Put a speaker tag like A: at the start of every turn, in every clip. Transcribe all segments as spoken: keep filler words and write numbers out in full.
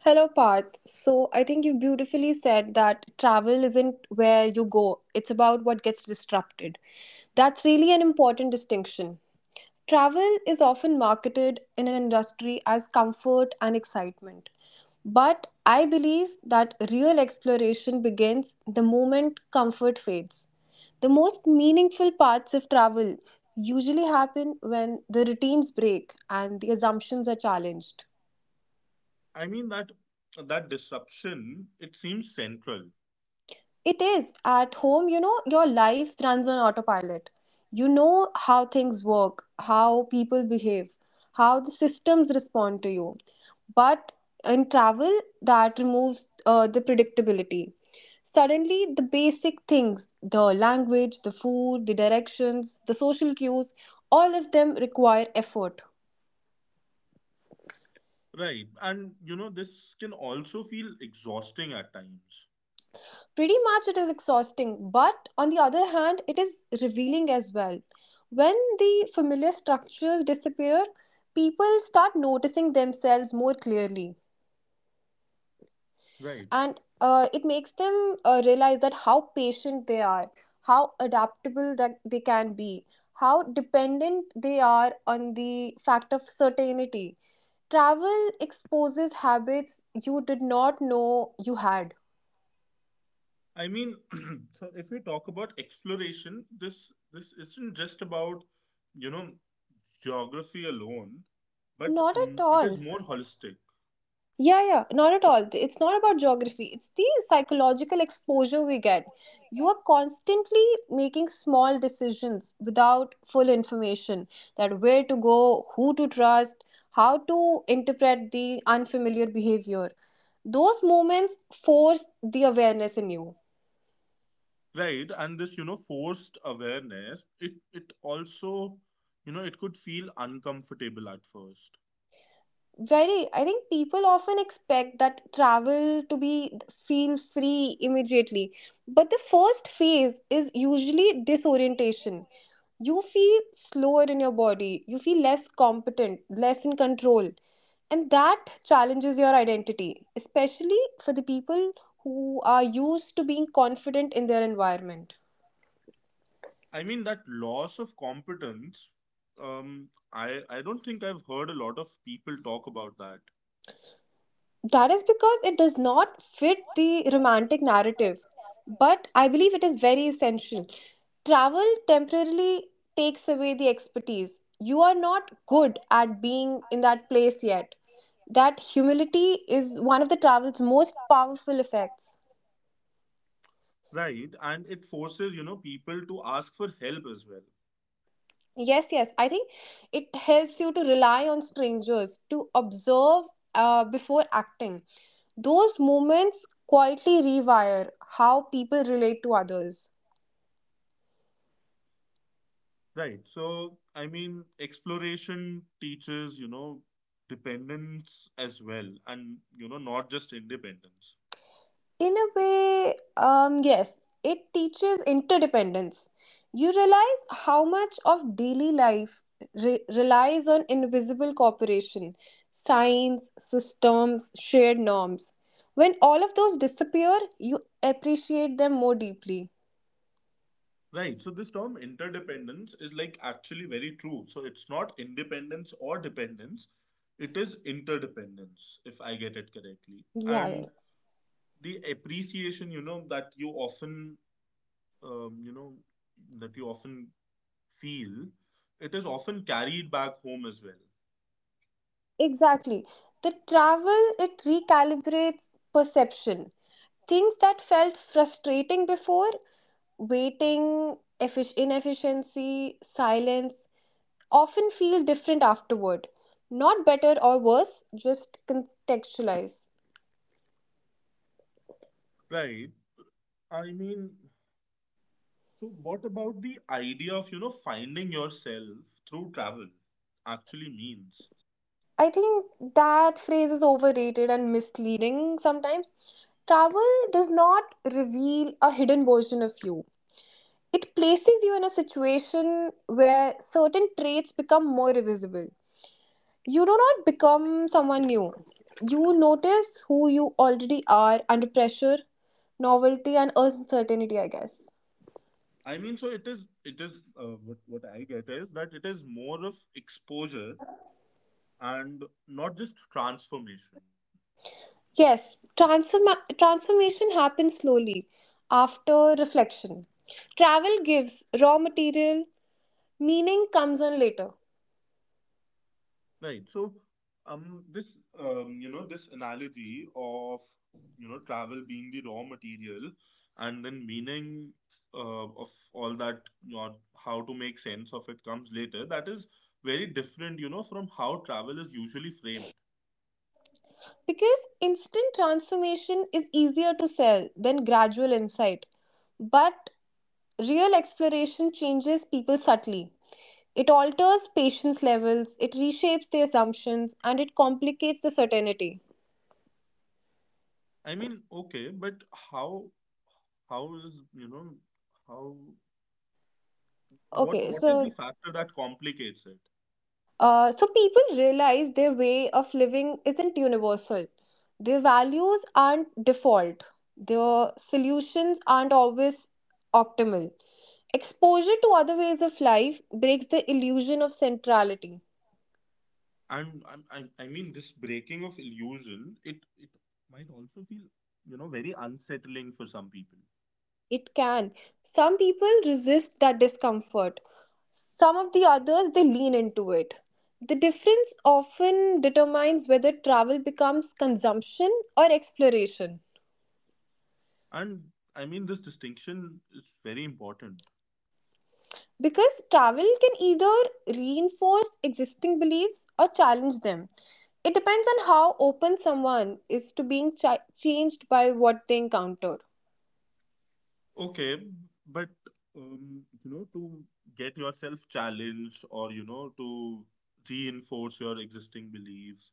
A: Hello, Parth. So, I think you beautifully said that travel isn't where you go, it's about what gets disrupted. That's really an important distinction. Travel is often marketed in an industry as comfort and excitement. But I believe that real exploration begins the moment comfort fades. The most meaningful parts of travel usually happen when the routines break and the assumptions are challenged. It is. At home, you know, your life runs on autopilot. You know how things work, how people behave, how the systems respond to you. But in travel, that removes uh, the predictability. Suddenly, the basic things, the language, the food, the directions, the social cues, all of them require effort. Pretty much it is exhausting, but on the other hand, it is revealing as well. When the familiar structures disappear, people start noticing themselves more clearly, and uh, it makes them uh, realize that how patient they are, how adaptable that they can be, how dependent they are on the fact of certainty. Travel exposes habits you did not know you had. Not at all. Yeah, yeah, not at all. It's not about geography. It's the psychological exposure we get. You are constantly making small decisions without full information, that where to go, who to trust, how to interpret the unfamiliar behavior. Those moments force the awareness in you. Very. I think people often expect that travel to be feel free immediately. But the first phase is usually disorientation. You feel slower in your body, you feel less competent, less in control. And that challenges your identity, especially for the people who are used to being confident in their environment. That is because it does not fit the romantic narrative, but I believe it is very essential. Travel temporarily takes away the expertise. You are not good at being in that place yet. That humility is one of the travel's most powerful effects.
B: Right, and it forces, you know, people to ask for help as well.
A: Yes, yes, I think it helps you to rely on strangers, to observe uh, before acting. Those moments quietly rewire how people relate to others.
B: Right. So, I mean, exploration teaches, you know, dependence as well, and, you know, not just independence.
A: In a way, um, yes, it teaches interdependence. You realize how much of daily life re- relies on invisible cooperation, signs, systems, shared norms. When all of those disappear, you appreciate them more deeply.
B: Right. So, this term interdependence is like actually very true. So, it's not independence or dependence, it is interdependence, if I get it correctly.
A: Yeah, yeah.
B: And the appreciation, you know, that you often, um, you know, that you often feel, it is often carried back home as well.
A: Exactly. The travel, it recalibrates perception. Things that felt frustrating before, waiting, effic- inefficiency, silence, often feel different afterward. Not better or worse, just contextualize.
B: Right? I mean, so what about the idea of, you know, finding yourself through travel actually means?
A: I think that phrase is overrated and misleading sometimes. Travel does not reveal a hidden version of you. It places you in a situation where certain traits become more visible. You do not become someone new. You notice who you already are under pressure, novelty, and uncertainty, I guess.
B: I mean, so it is, it is, uh, what, what I get is that it is more of exposure and not just transformation.
A: Yes, transform- transformation happens slowly after reflection. Travel gives raw material, meaning comes on later.
B: Right. So, um, this um, you know, this analogy of you know travel being the raw material, and then meaning uh, of all that, you know, how to make sense of it comes later. That is very different, you know, from how travel is usually framed.
A: Because instant transformation is easier to sell than gradual insight. But real exploration changes people subtly. It alters patience levels, it reshapes the assumptions, and it complicates the certainty.
B: I mean, okay, but how how is you know how what
A: Okay,
B: what is
A: so
B: the factor that complicates it?
A: uh, so people realize their way of living isn't universal. Their values aren't default. Their solutions aren't always optimal. Exposure to other ways of life breaks the illusion of centrality.
B: and I'm, I, I mean this breaking of illusion it it might also feel you know very unsettling for some people.
A: It can. Some people resist that discomfort. Some of the others, they lean into it. The difference often determines whether travel becomes consumption or exploration.
B: And I mean this distinction is very important.
A: Because travel can either reinforce existing beliefs or challenge them. It depends on how open someone is to being chi- changed by what they encounter.
B: Okay, but um, you know to get yourself challenged or you know to reinforce your existing beliefs,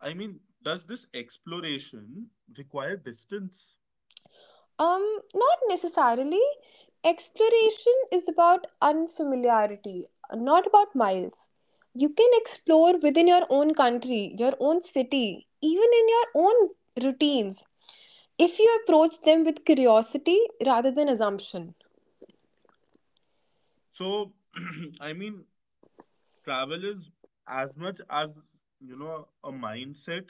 B: I mean, does this exploration require distance?
A: Um, not necessarily. Exploration is about unfamiliarity, not about miles. You can explore within your own country, your own city, even in your own routines, if you approach them with curiosity rather than assumption.
B: So, I mean, travel is as much as you know a mindset,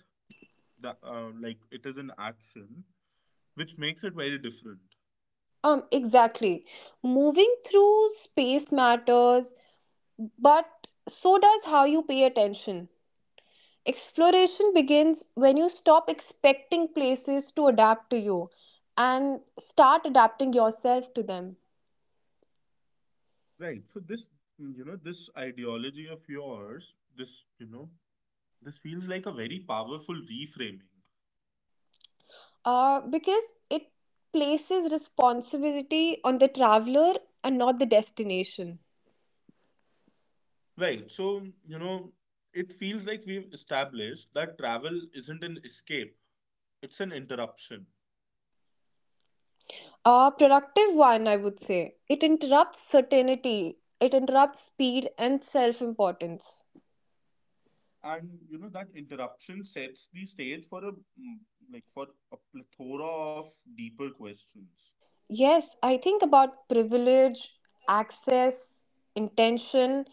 B: the, uh, like it is an action which makes it very different.
A: Um, exactly. Moving through space matters, but so does how you pay attention. Exploration begins when you stop expecting places to adapt to you and start adapting yourself to them.
B: Right. So, this you know this ideology of yours, this you know this feels like a very powerful reframing.
A: Uh, because it places responsibility on the traveler and not the destination.
B: Right. So, you know it feels like we've established that travel isn't an escape, it's an interruption.
A: A productive one, I would say. It interrupts certainty, it interrupts speed and self importance.
B: And you know that interruption sets the stage for a mm, like for a plethora of deeper questions.
A: Yes, I think about privilege, access, intention,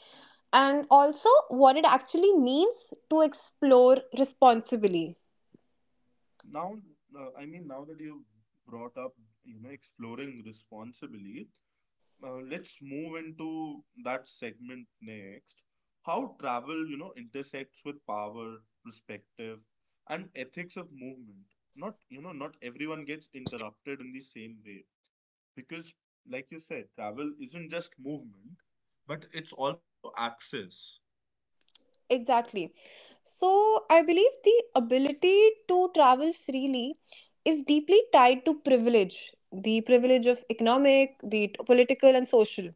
A: and also what it actually means to explore responsibly.
B: Now, uh, I mean, now that you've brought up, you know, exploring responsibly, uh, let's move into that segment next. How travel, you know, intersects with power, perspective, and ethics of movement. Not, you know, not everyone gets interrupted in the same way because, like you said, travel isn't just movement, but it's also access.
A: Exactly. So, I believe the ability to travel freely is deeply tied to privilege, the privilege of economic, the t- political, and social.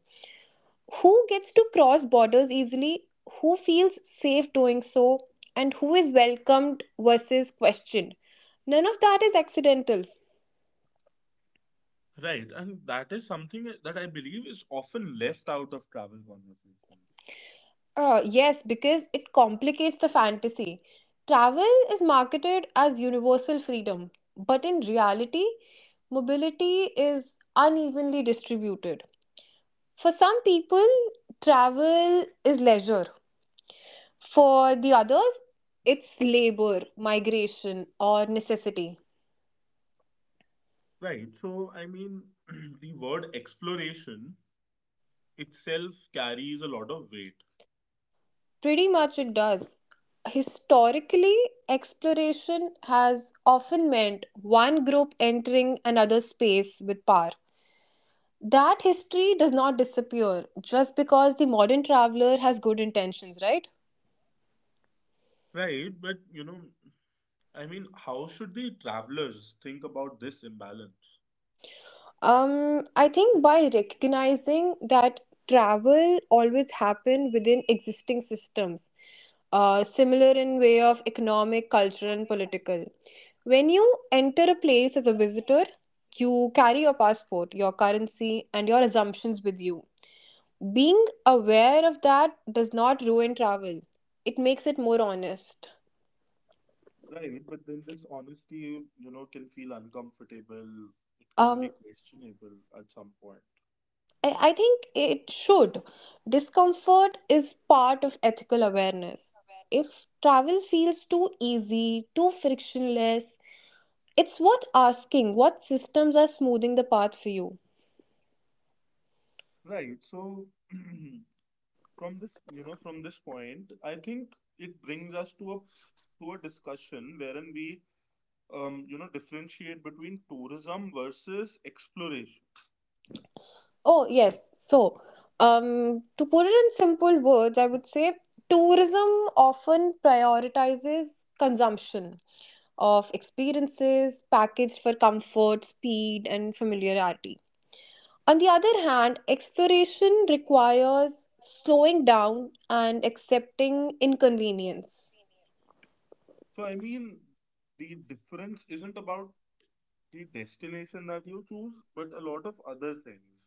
A: Who gets to cross borders easily, who feels safe doing so, and who is welcomed versus questioned. None of that is accidental.
B: Right, and that is something that I believe is often left out of travel conversations.
A: Uh, yes, because it complicates the fantasy. Travel is marketed as universal freedom, but in reality, mobility is unevenly distributed. For some people, travel is leisure. For the others, it's labor, migration, or necessity.
B: Right. So, I mean, the word exploration itself carries a lot of weight.
A: Pretty much it does. Historically, exploration has often meant one group entering another space with power. That history does not disappear just because the modern traveler has good intentions, right?
B: Right. But, you know, I mean, how should the travelers think about this imbalance?
A: Um, I think by recognizing that travel always happen within existing systems, uh, similar in way of economic, cultural, and political. When you enter a place as a visitor, you carry your passport, your currency, and your assumptions with you. Being aware of that does not ruin travel, it makes it more honest.
B: Right. But then this honesty, you know, can feel uncomfortable. It can
A: Um,
B: be questionable at some point.
A: I I think it should. Discomfort is part of ethical awareness. If travel feels too easy, too frictionless, it's worth asking what systems are smoothing the path for you.
B: Right. So, from this, you know, from this point, I think it brings us to a to a discussion wherein we um, you know, differentiate between tourism versus exploration.
A: Oh, yes. So, um, to put it in simple words, I would say tourism often prioritizes consumption of experiences packaged for comfort, speed, and familiarity. On the other hand, exploration requires slowing down and accepting inconvenience.
B: So, I mean, the difference isn't about the destination that you choose, but a lot of other things.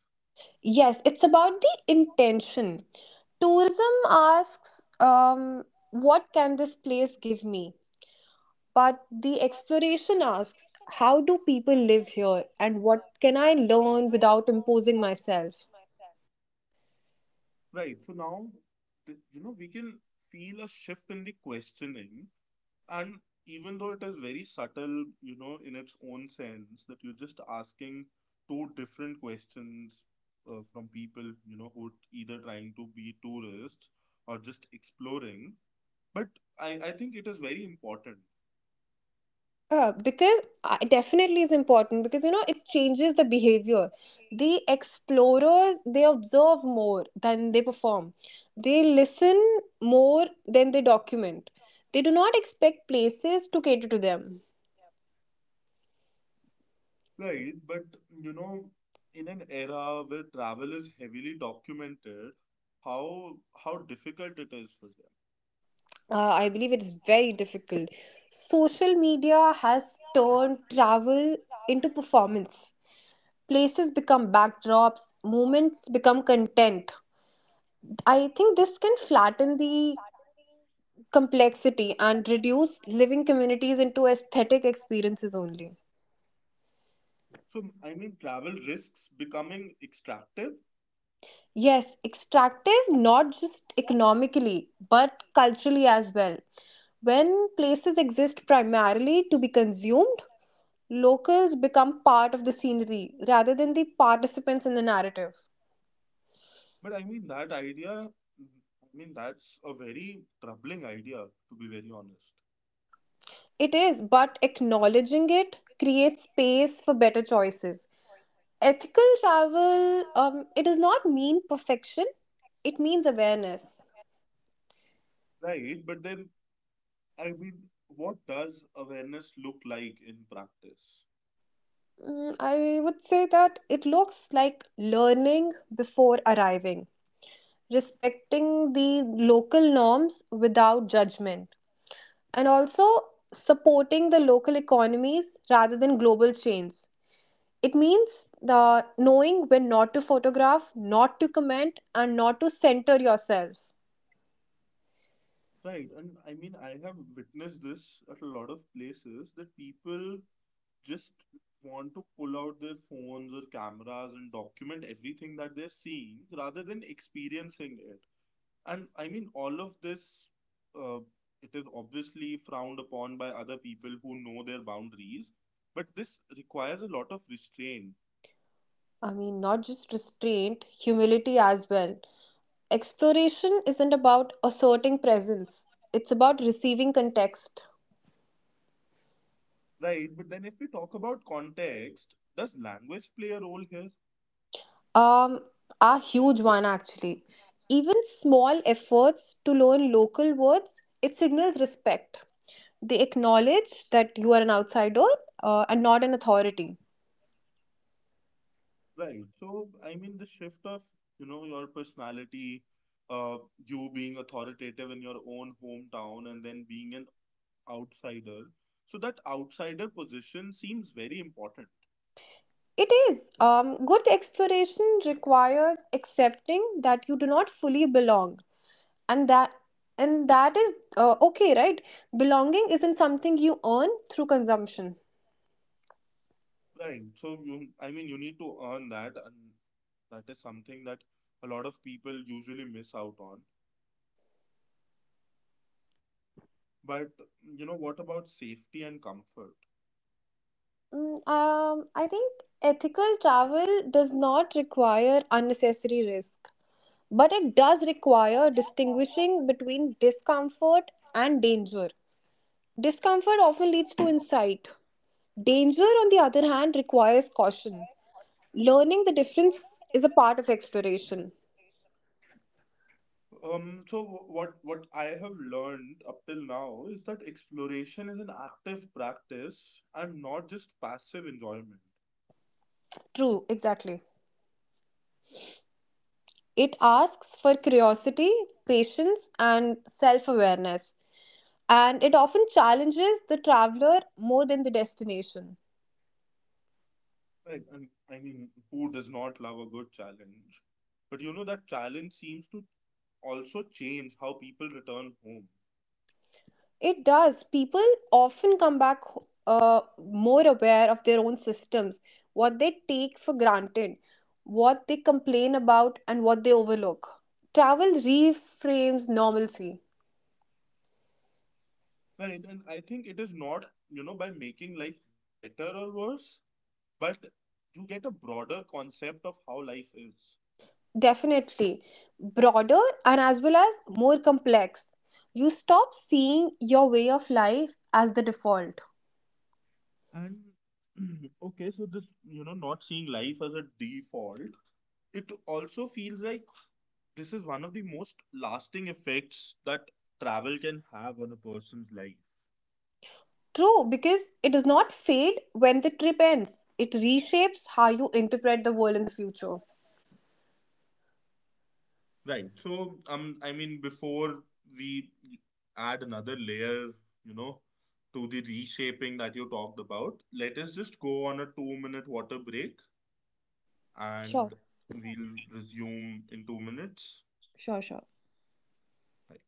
A: Yes, it's about the intention. Tourism asks, um, what can this place give me? But the exploration asks how do people live here and what can I learn without imposing myself?
B: Right. So now, th- you know, we can feel a shift in the questioning. And even though it is very subtle, you know, in its own sense, that you're just asking two different questions uh, from people, you know, who are either trying to be tourists or just exploring. But I, I think it is very important.
A: Uh, because I, definitely is important, because you know it changes the behavior. The explorers they observe more than they perform. They listen more than they document. They do not expect places to cater to them.
B: Right? But you know, in an era where travel is heavily documented, how how difficult it is for them.
A: Uh, I believe it is very difficult. Social media has turned travel into performance. Places become backdrops, moments become content. I think this can flatten the complexity and reduce living communities into aesthetic experiences only.
B: So I mean, travel risks becoming extractive,
A: Yes, extractive not just economically but culturally as well. When places exist primarily to be consumed, locals become part of the scenery rather than the participants in the narrative.
B: but I mean that idea. I mean that's a very troubling idea, to be very honest.
A: It is, but acknowledging it creates space for better choices. Ethical travel, um, it does not mean perfection, it means awareness.
B: Right? But then I mean, what does awareness look like in practice?
A: Mm, I would say that it looks like learning before arriving, respecting the local norms without judgment, and also supporting the local economies rather than global chains. It means the knowing when not to photograph, not to comment, and not to center yourself.
B: Right, and I mean, I have witnessed this at a lot of places that people just want to pull out their phones or cameras and document everything that they're seeing rather than experiencing it. And I mean, all of this, uh, it is obviously frowned upon by other people who know their boundaries, but this requires a lot of restraint.
A: I mean, not just restraint, humility as well. Exploration isn't about asserting presence, it's about receiving context.
B: Right? But then if we talk about context, does language play a role here?
A: Um, a huge one actually. Even small efforts to learn local words, it signals respect. They acknowledge that you are an outsider uh, and not an authority.
B: Right. So, I mean, the shift of, you know, your personality, uh, you being authoritative in your own hometown and then being an outsider. So that outsider position seems very important.
A: It is. Um, good exploration requires accepting that you do not fully belong and that and that is uh, okay, right? Belonging isn't something you earn through consumption.
B: Right? So you, I mean, you need to earn that, and that is something that a lot of people usually miss out on. But you know, what about safety and comfort?
A: Mm, um, I think ethical travel does not require unnecessary risk, but it does require distinguishing between discomfort and danger. Discomfort often leads to insight. Danger, on the other hand, requires caution. Learning the difference is a part of exploration.
B: Um, so wh- what what I have learned up till now is that exploration is an active practice and not just passive enjoyment.
A: True, exactly. It asks for curiosity, patience, and self awareness, and it often challenges the traveler more than the destination.
B: Right. And I mean, who does not love a good challenge? But you know, that challenge seems to also change how people return home.
A: It does. People often come back uh, more aware of their own systems, what they take for granted, what they complain about, and what they overlook. Travel reframes normalcy.
B: Right. And I think it is not, you know, by making life better or worse, but you get a broader concept of how life is.
A: Definitely. Broader and as well as more complex. You stop seeing your way of life as the default.
B: And okay, so this, you know, not seeing life as a default, it also feels like this is one of the most lasting effects that travel can have on a person's life.
A: True, because it does not fade when the trip ends. It reshapes how you interpret the world in the future.
B: Right. So, um, I mean, before we add another layer, you know, to the reshaping that you talked about, let us just go on a two minute water break
A: Sure,
B: and we'll resume in two minutes.
A: sure, sure.
B: Right.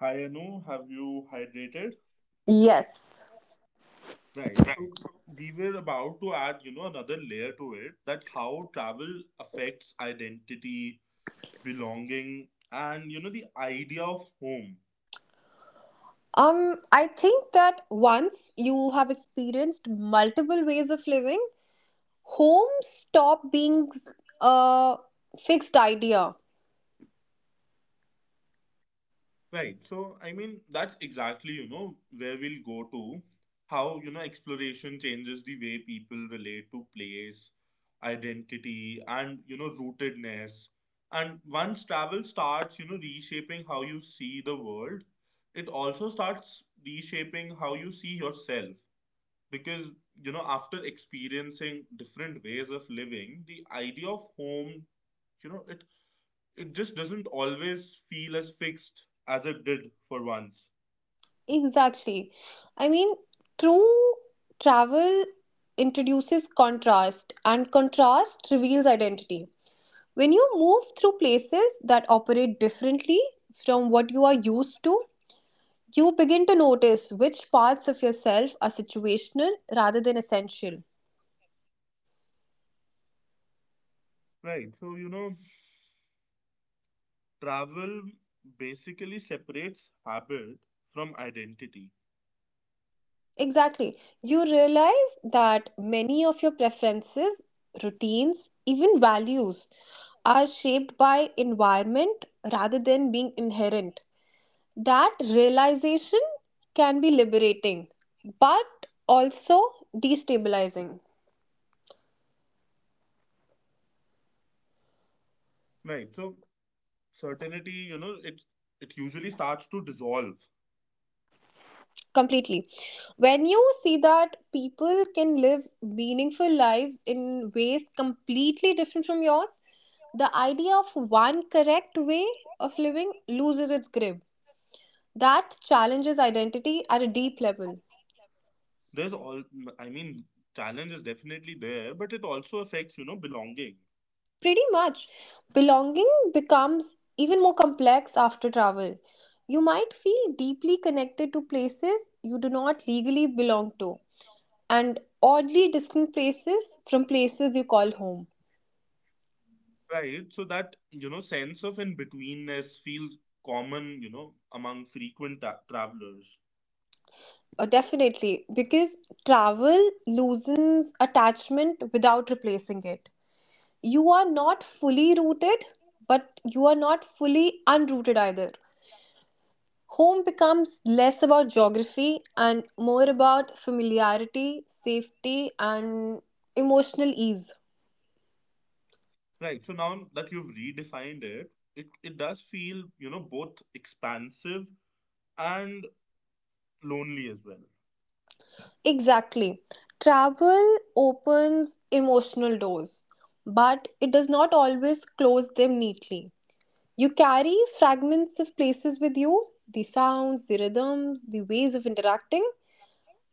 B: Hi, Anu. Have you hydrated?
A: Yes.
B: Right. So, we were about to add, you know, another layer to it, that how travel affects identity, belonging, and, you know, the idea of home.
A: Um, I think that once you have experienced multiple ways of living, home stop being a fixed idea.
B: Right. So, I mean, that's exactly, you know, where we'll go to, how, you know, exploration changes the way people relate to place, identity, and, you know, rootedness. And once travel starts, you know, reshaping how you see the world, it also starts reshaping how you see yourself. Because, you know, after experiencing different ways of living, the idea of home, you know, it it just doesn't always feel as fixed as it did for once.
A: Exactly. I mean, true travel introduces contrast, and contrast reveals identity. When you move through places that operate differently from what you are used to, you begin to notice which parts of yourself are situational rather than essential.
B: Right. So, you know, travel basically separates habit from identity.
A: Exactly. You realize that many of your preferences, routines, even values are shaped by environment rather than being inherent. That realization can be liberating, but also destabilizing
B: Right. So, certainty, you know, it it usually starts to dissolve.
A: completely. When you see that people can live meaningful lives in ways completely different from yours, the idea of one correct way of living loses its grip. That challenges identity at a deep level.
B: There's all I mean, challenge is definitely there, but it also affects, you know, belonging.
A: Pretty much. Belonging becomes even more complex after travel. You might feel deeply connected to places you do not legally belong to, and oddly distant places from places you call home.
B: Right. So that, you know, sense of in-betweenness feels common, you know, among frequent ta- travelers.
A: Uh, definitely, because travel loosens attachment without replacing it. You are not fully rooted, but you are not fully unrooted either. Home becomes less about geography and more about familiarity, safety, and emotional ease.
B: Right. So now that you've redefined it, it, it does feel, you know, both expansive and lonely as well.
A: Exactly. Travel opens emotional doors, but it does not always close them neatly. You carry fragments of places with you, the sounds, the rhythms, the ways of interacting,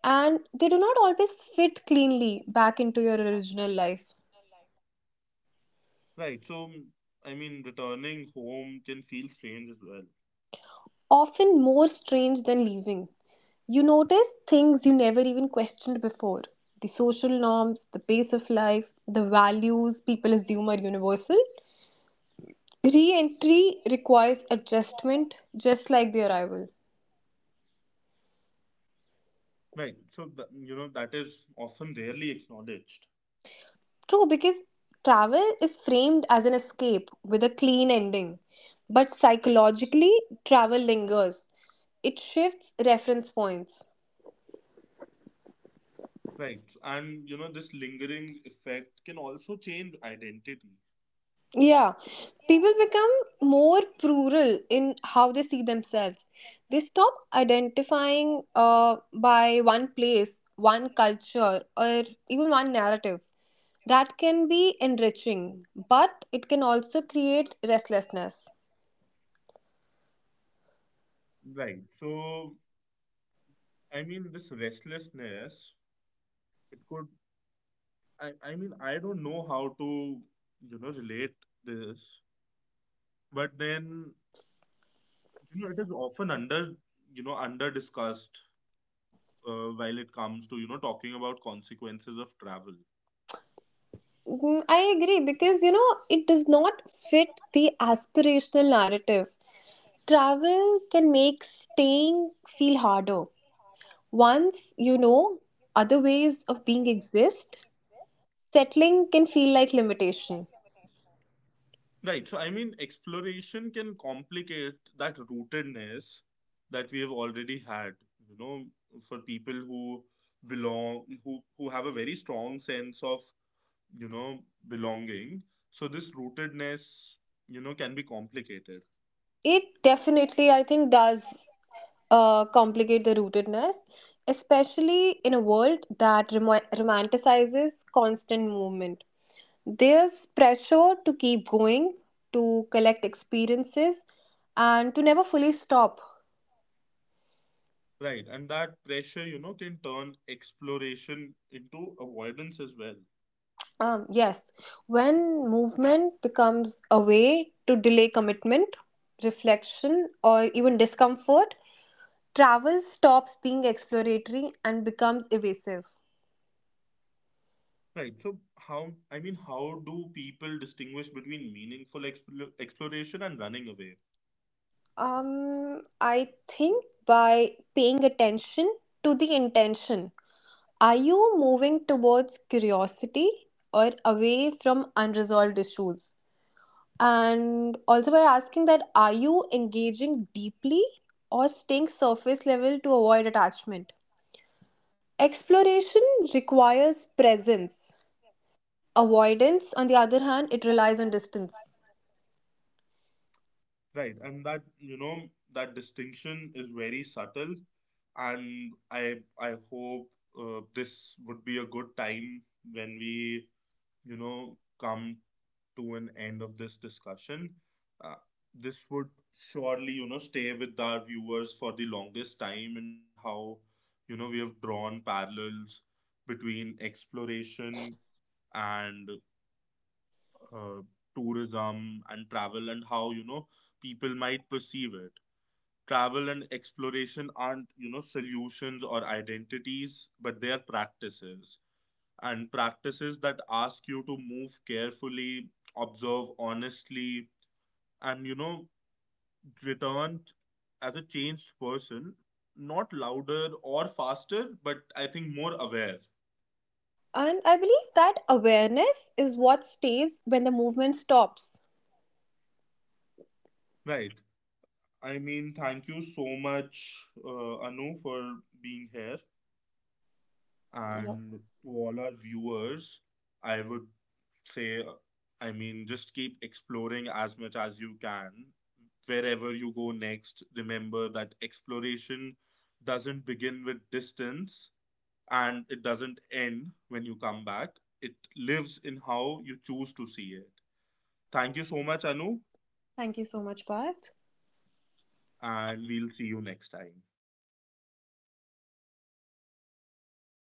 A: and they do not always fit cleanly back into your original life.
B: Right. So, I mean, returning home can feel strange as well.
A: Often more strange than leaving. You notice things you never even questioned before, the social norms, the pace of life, the values people assume are universal. Re entry requires adjustment, just like the arrival.
B: Right. So, th- you know, that is often rarely acknowledged.
A: True, because travel is framed as an escape with a clean ending. But psychologically, travel lingers. It shifts reference points.
B: Right. And, you know, this lingering effect can also change identity.
A: Yeah, people become more plural in how they see themselves. They stop identifying uh, by one place, one culture, or even one narrative. That can be enriching, but it can also create restlessness.
B: Right. So, I mean, this restlessness, it could, I, I mean, I don't know how to, you know, relate this, but then you know it is often under you know under discussed, uh, while it comes to you know talking about consequences of travel.
A: Mm, I agree, because you know it does not fit the aspirational narrative. Travel can make staying feel harder. Once you know other ways of being exist, settling can feel like limitation.
B: Right. So I mean, exploration can complicate that rootedness that we have already had, you know for people who belong, who who have a very strong sense of you know belonging, so this rootedness you know can be complicated.
A: It definitely, I think, does uh, complicate the rootedness, especially in a world that remo- romanticizes constant movement. There's pressure to keep going, to collect experiences, and to never fully stop.
B: Right, and that pressure you know can turn exploration into avoidance as well.
A: Um, yes, when movement becomes a way to delay commitment, reflection, or even discomfort, travel stops being exploratory and becomes evasive.
B: Right. So how, I mean, how do people distinguish between meaningful expl exploration and running away?
A: Um, I think by paying attention to the intention. Are you moving towards curiosity or away from unresolved issues? And also by asking that, are you engaging deeply or staying surface level to avoid attachment? Exploration requires presence. Avoidance, on the other hand, it relies on distance.
B: Right. And that, you know, that distinction is very subtle. And I I hope uh, this would be a good time when we, you know, come to an end of this discussion. Uh, this would surely, you know, stay with our viewers for the longest time, and how, you know, we have drawn parallels between exploration and uh, tourism and travel, and how, you know, people might perceive it. Travel and exploration aren't you know solutions or identities, but they are practices, and practices that ask you to move carefully, observe honestly, and you know return as a changed person, not louder or faster but I think more aware.
A: And I believe that awareness is what stays when the movement stops.
B: Right. I mean, thank you so much, uh, Anu, for being here.
A: Yeah,
B: And to all our viewers, I would say, I mean, just keep exploring as much as you can. Wherever you go next, remember that exploration doesn't begin with distance and it doesn't end when you come back. It lives in how you choose to see it. Thank you so much, Anu,
A: thank you so much, Parth.
B: and we'll see you next time.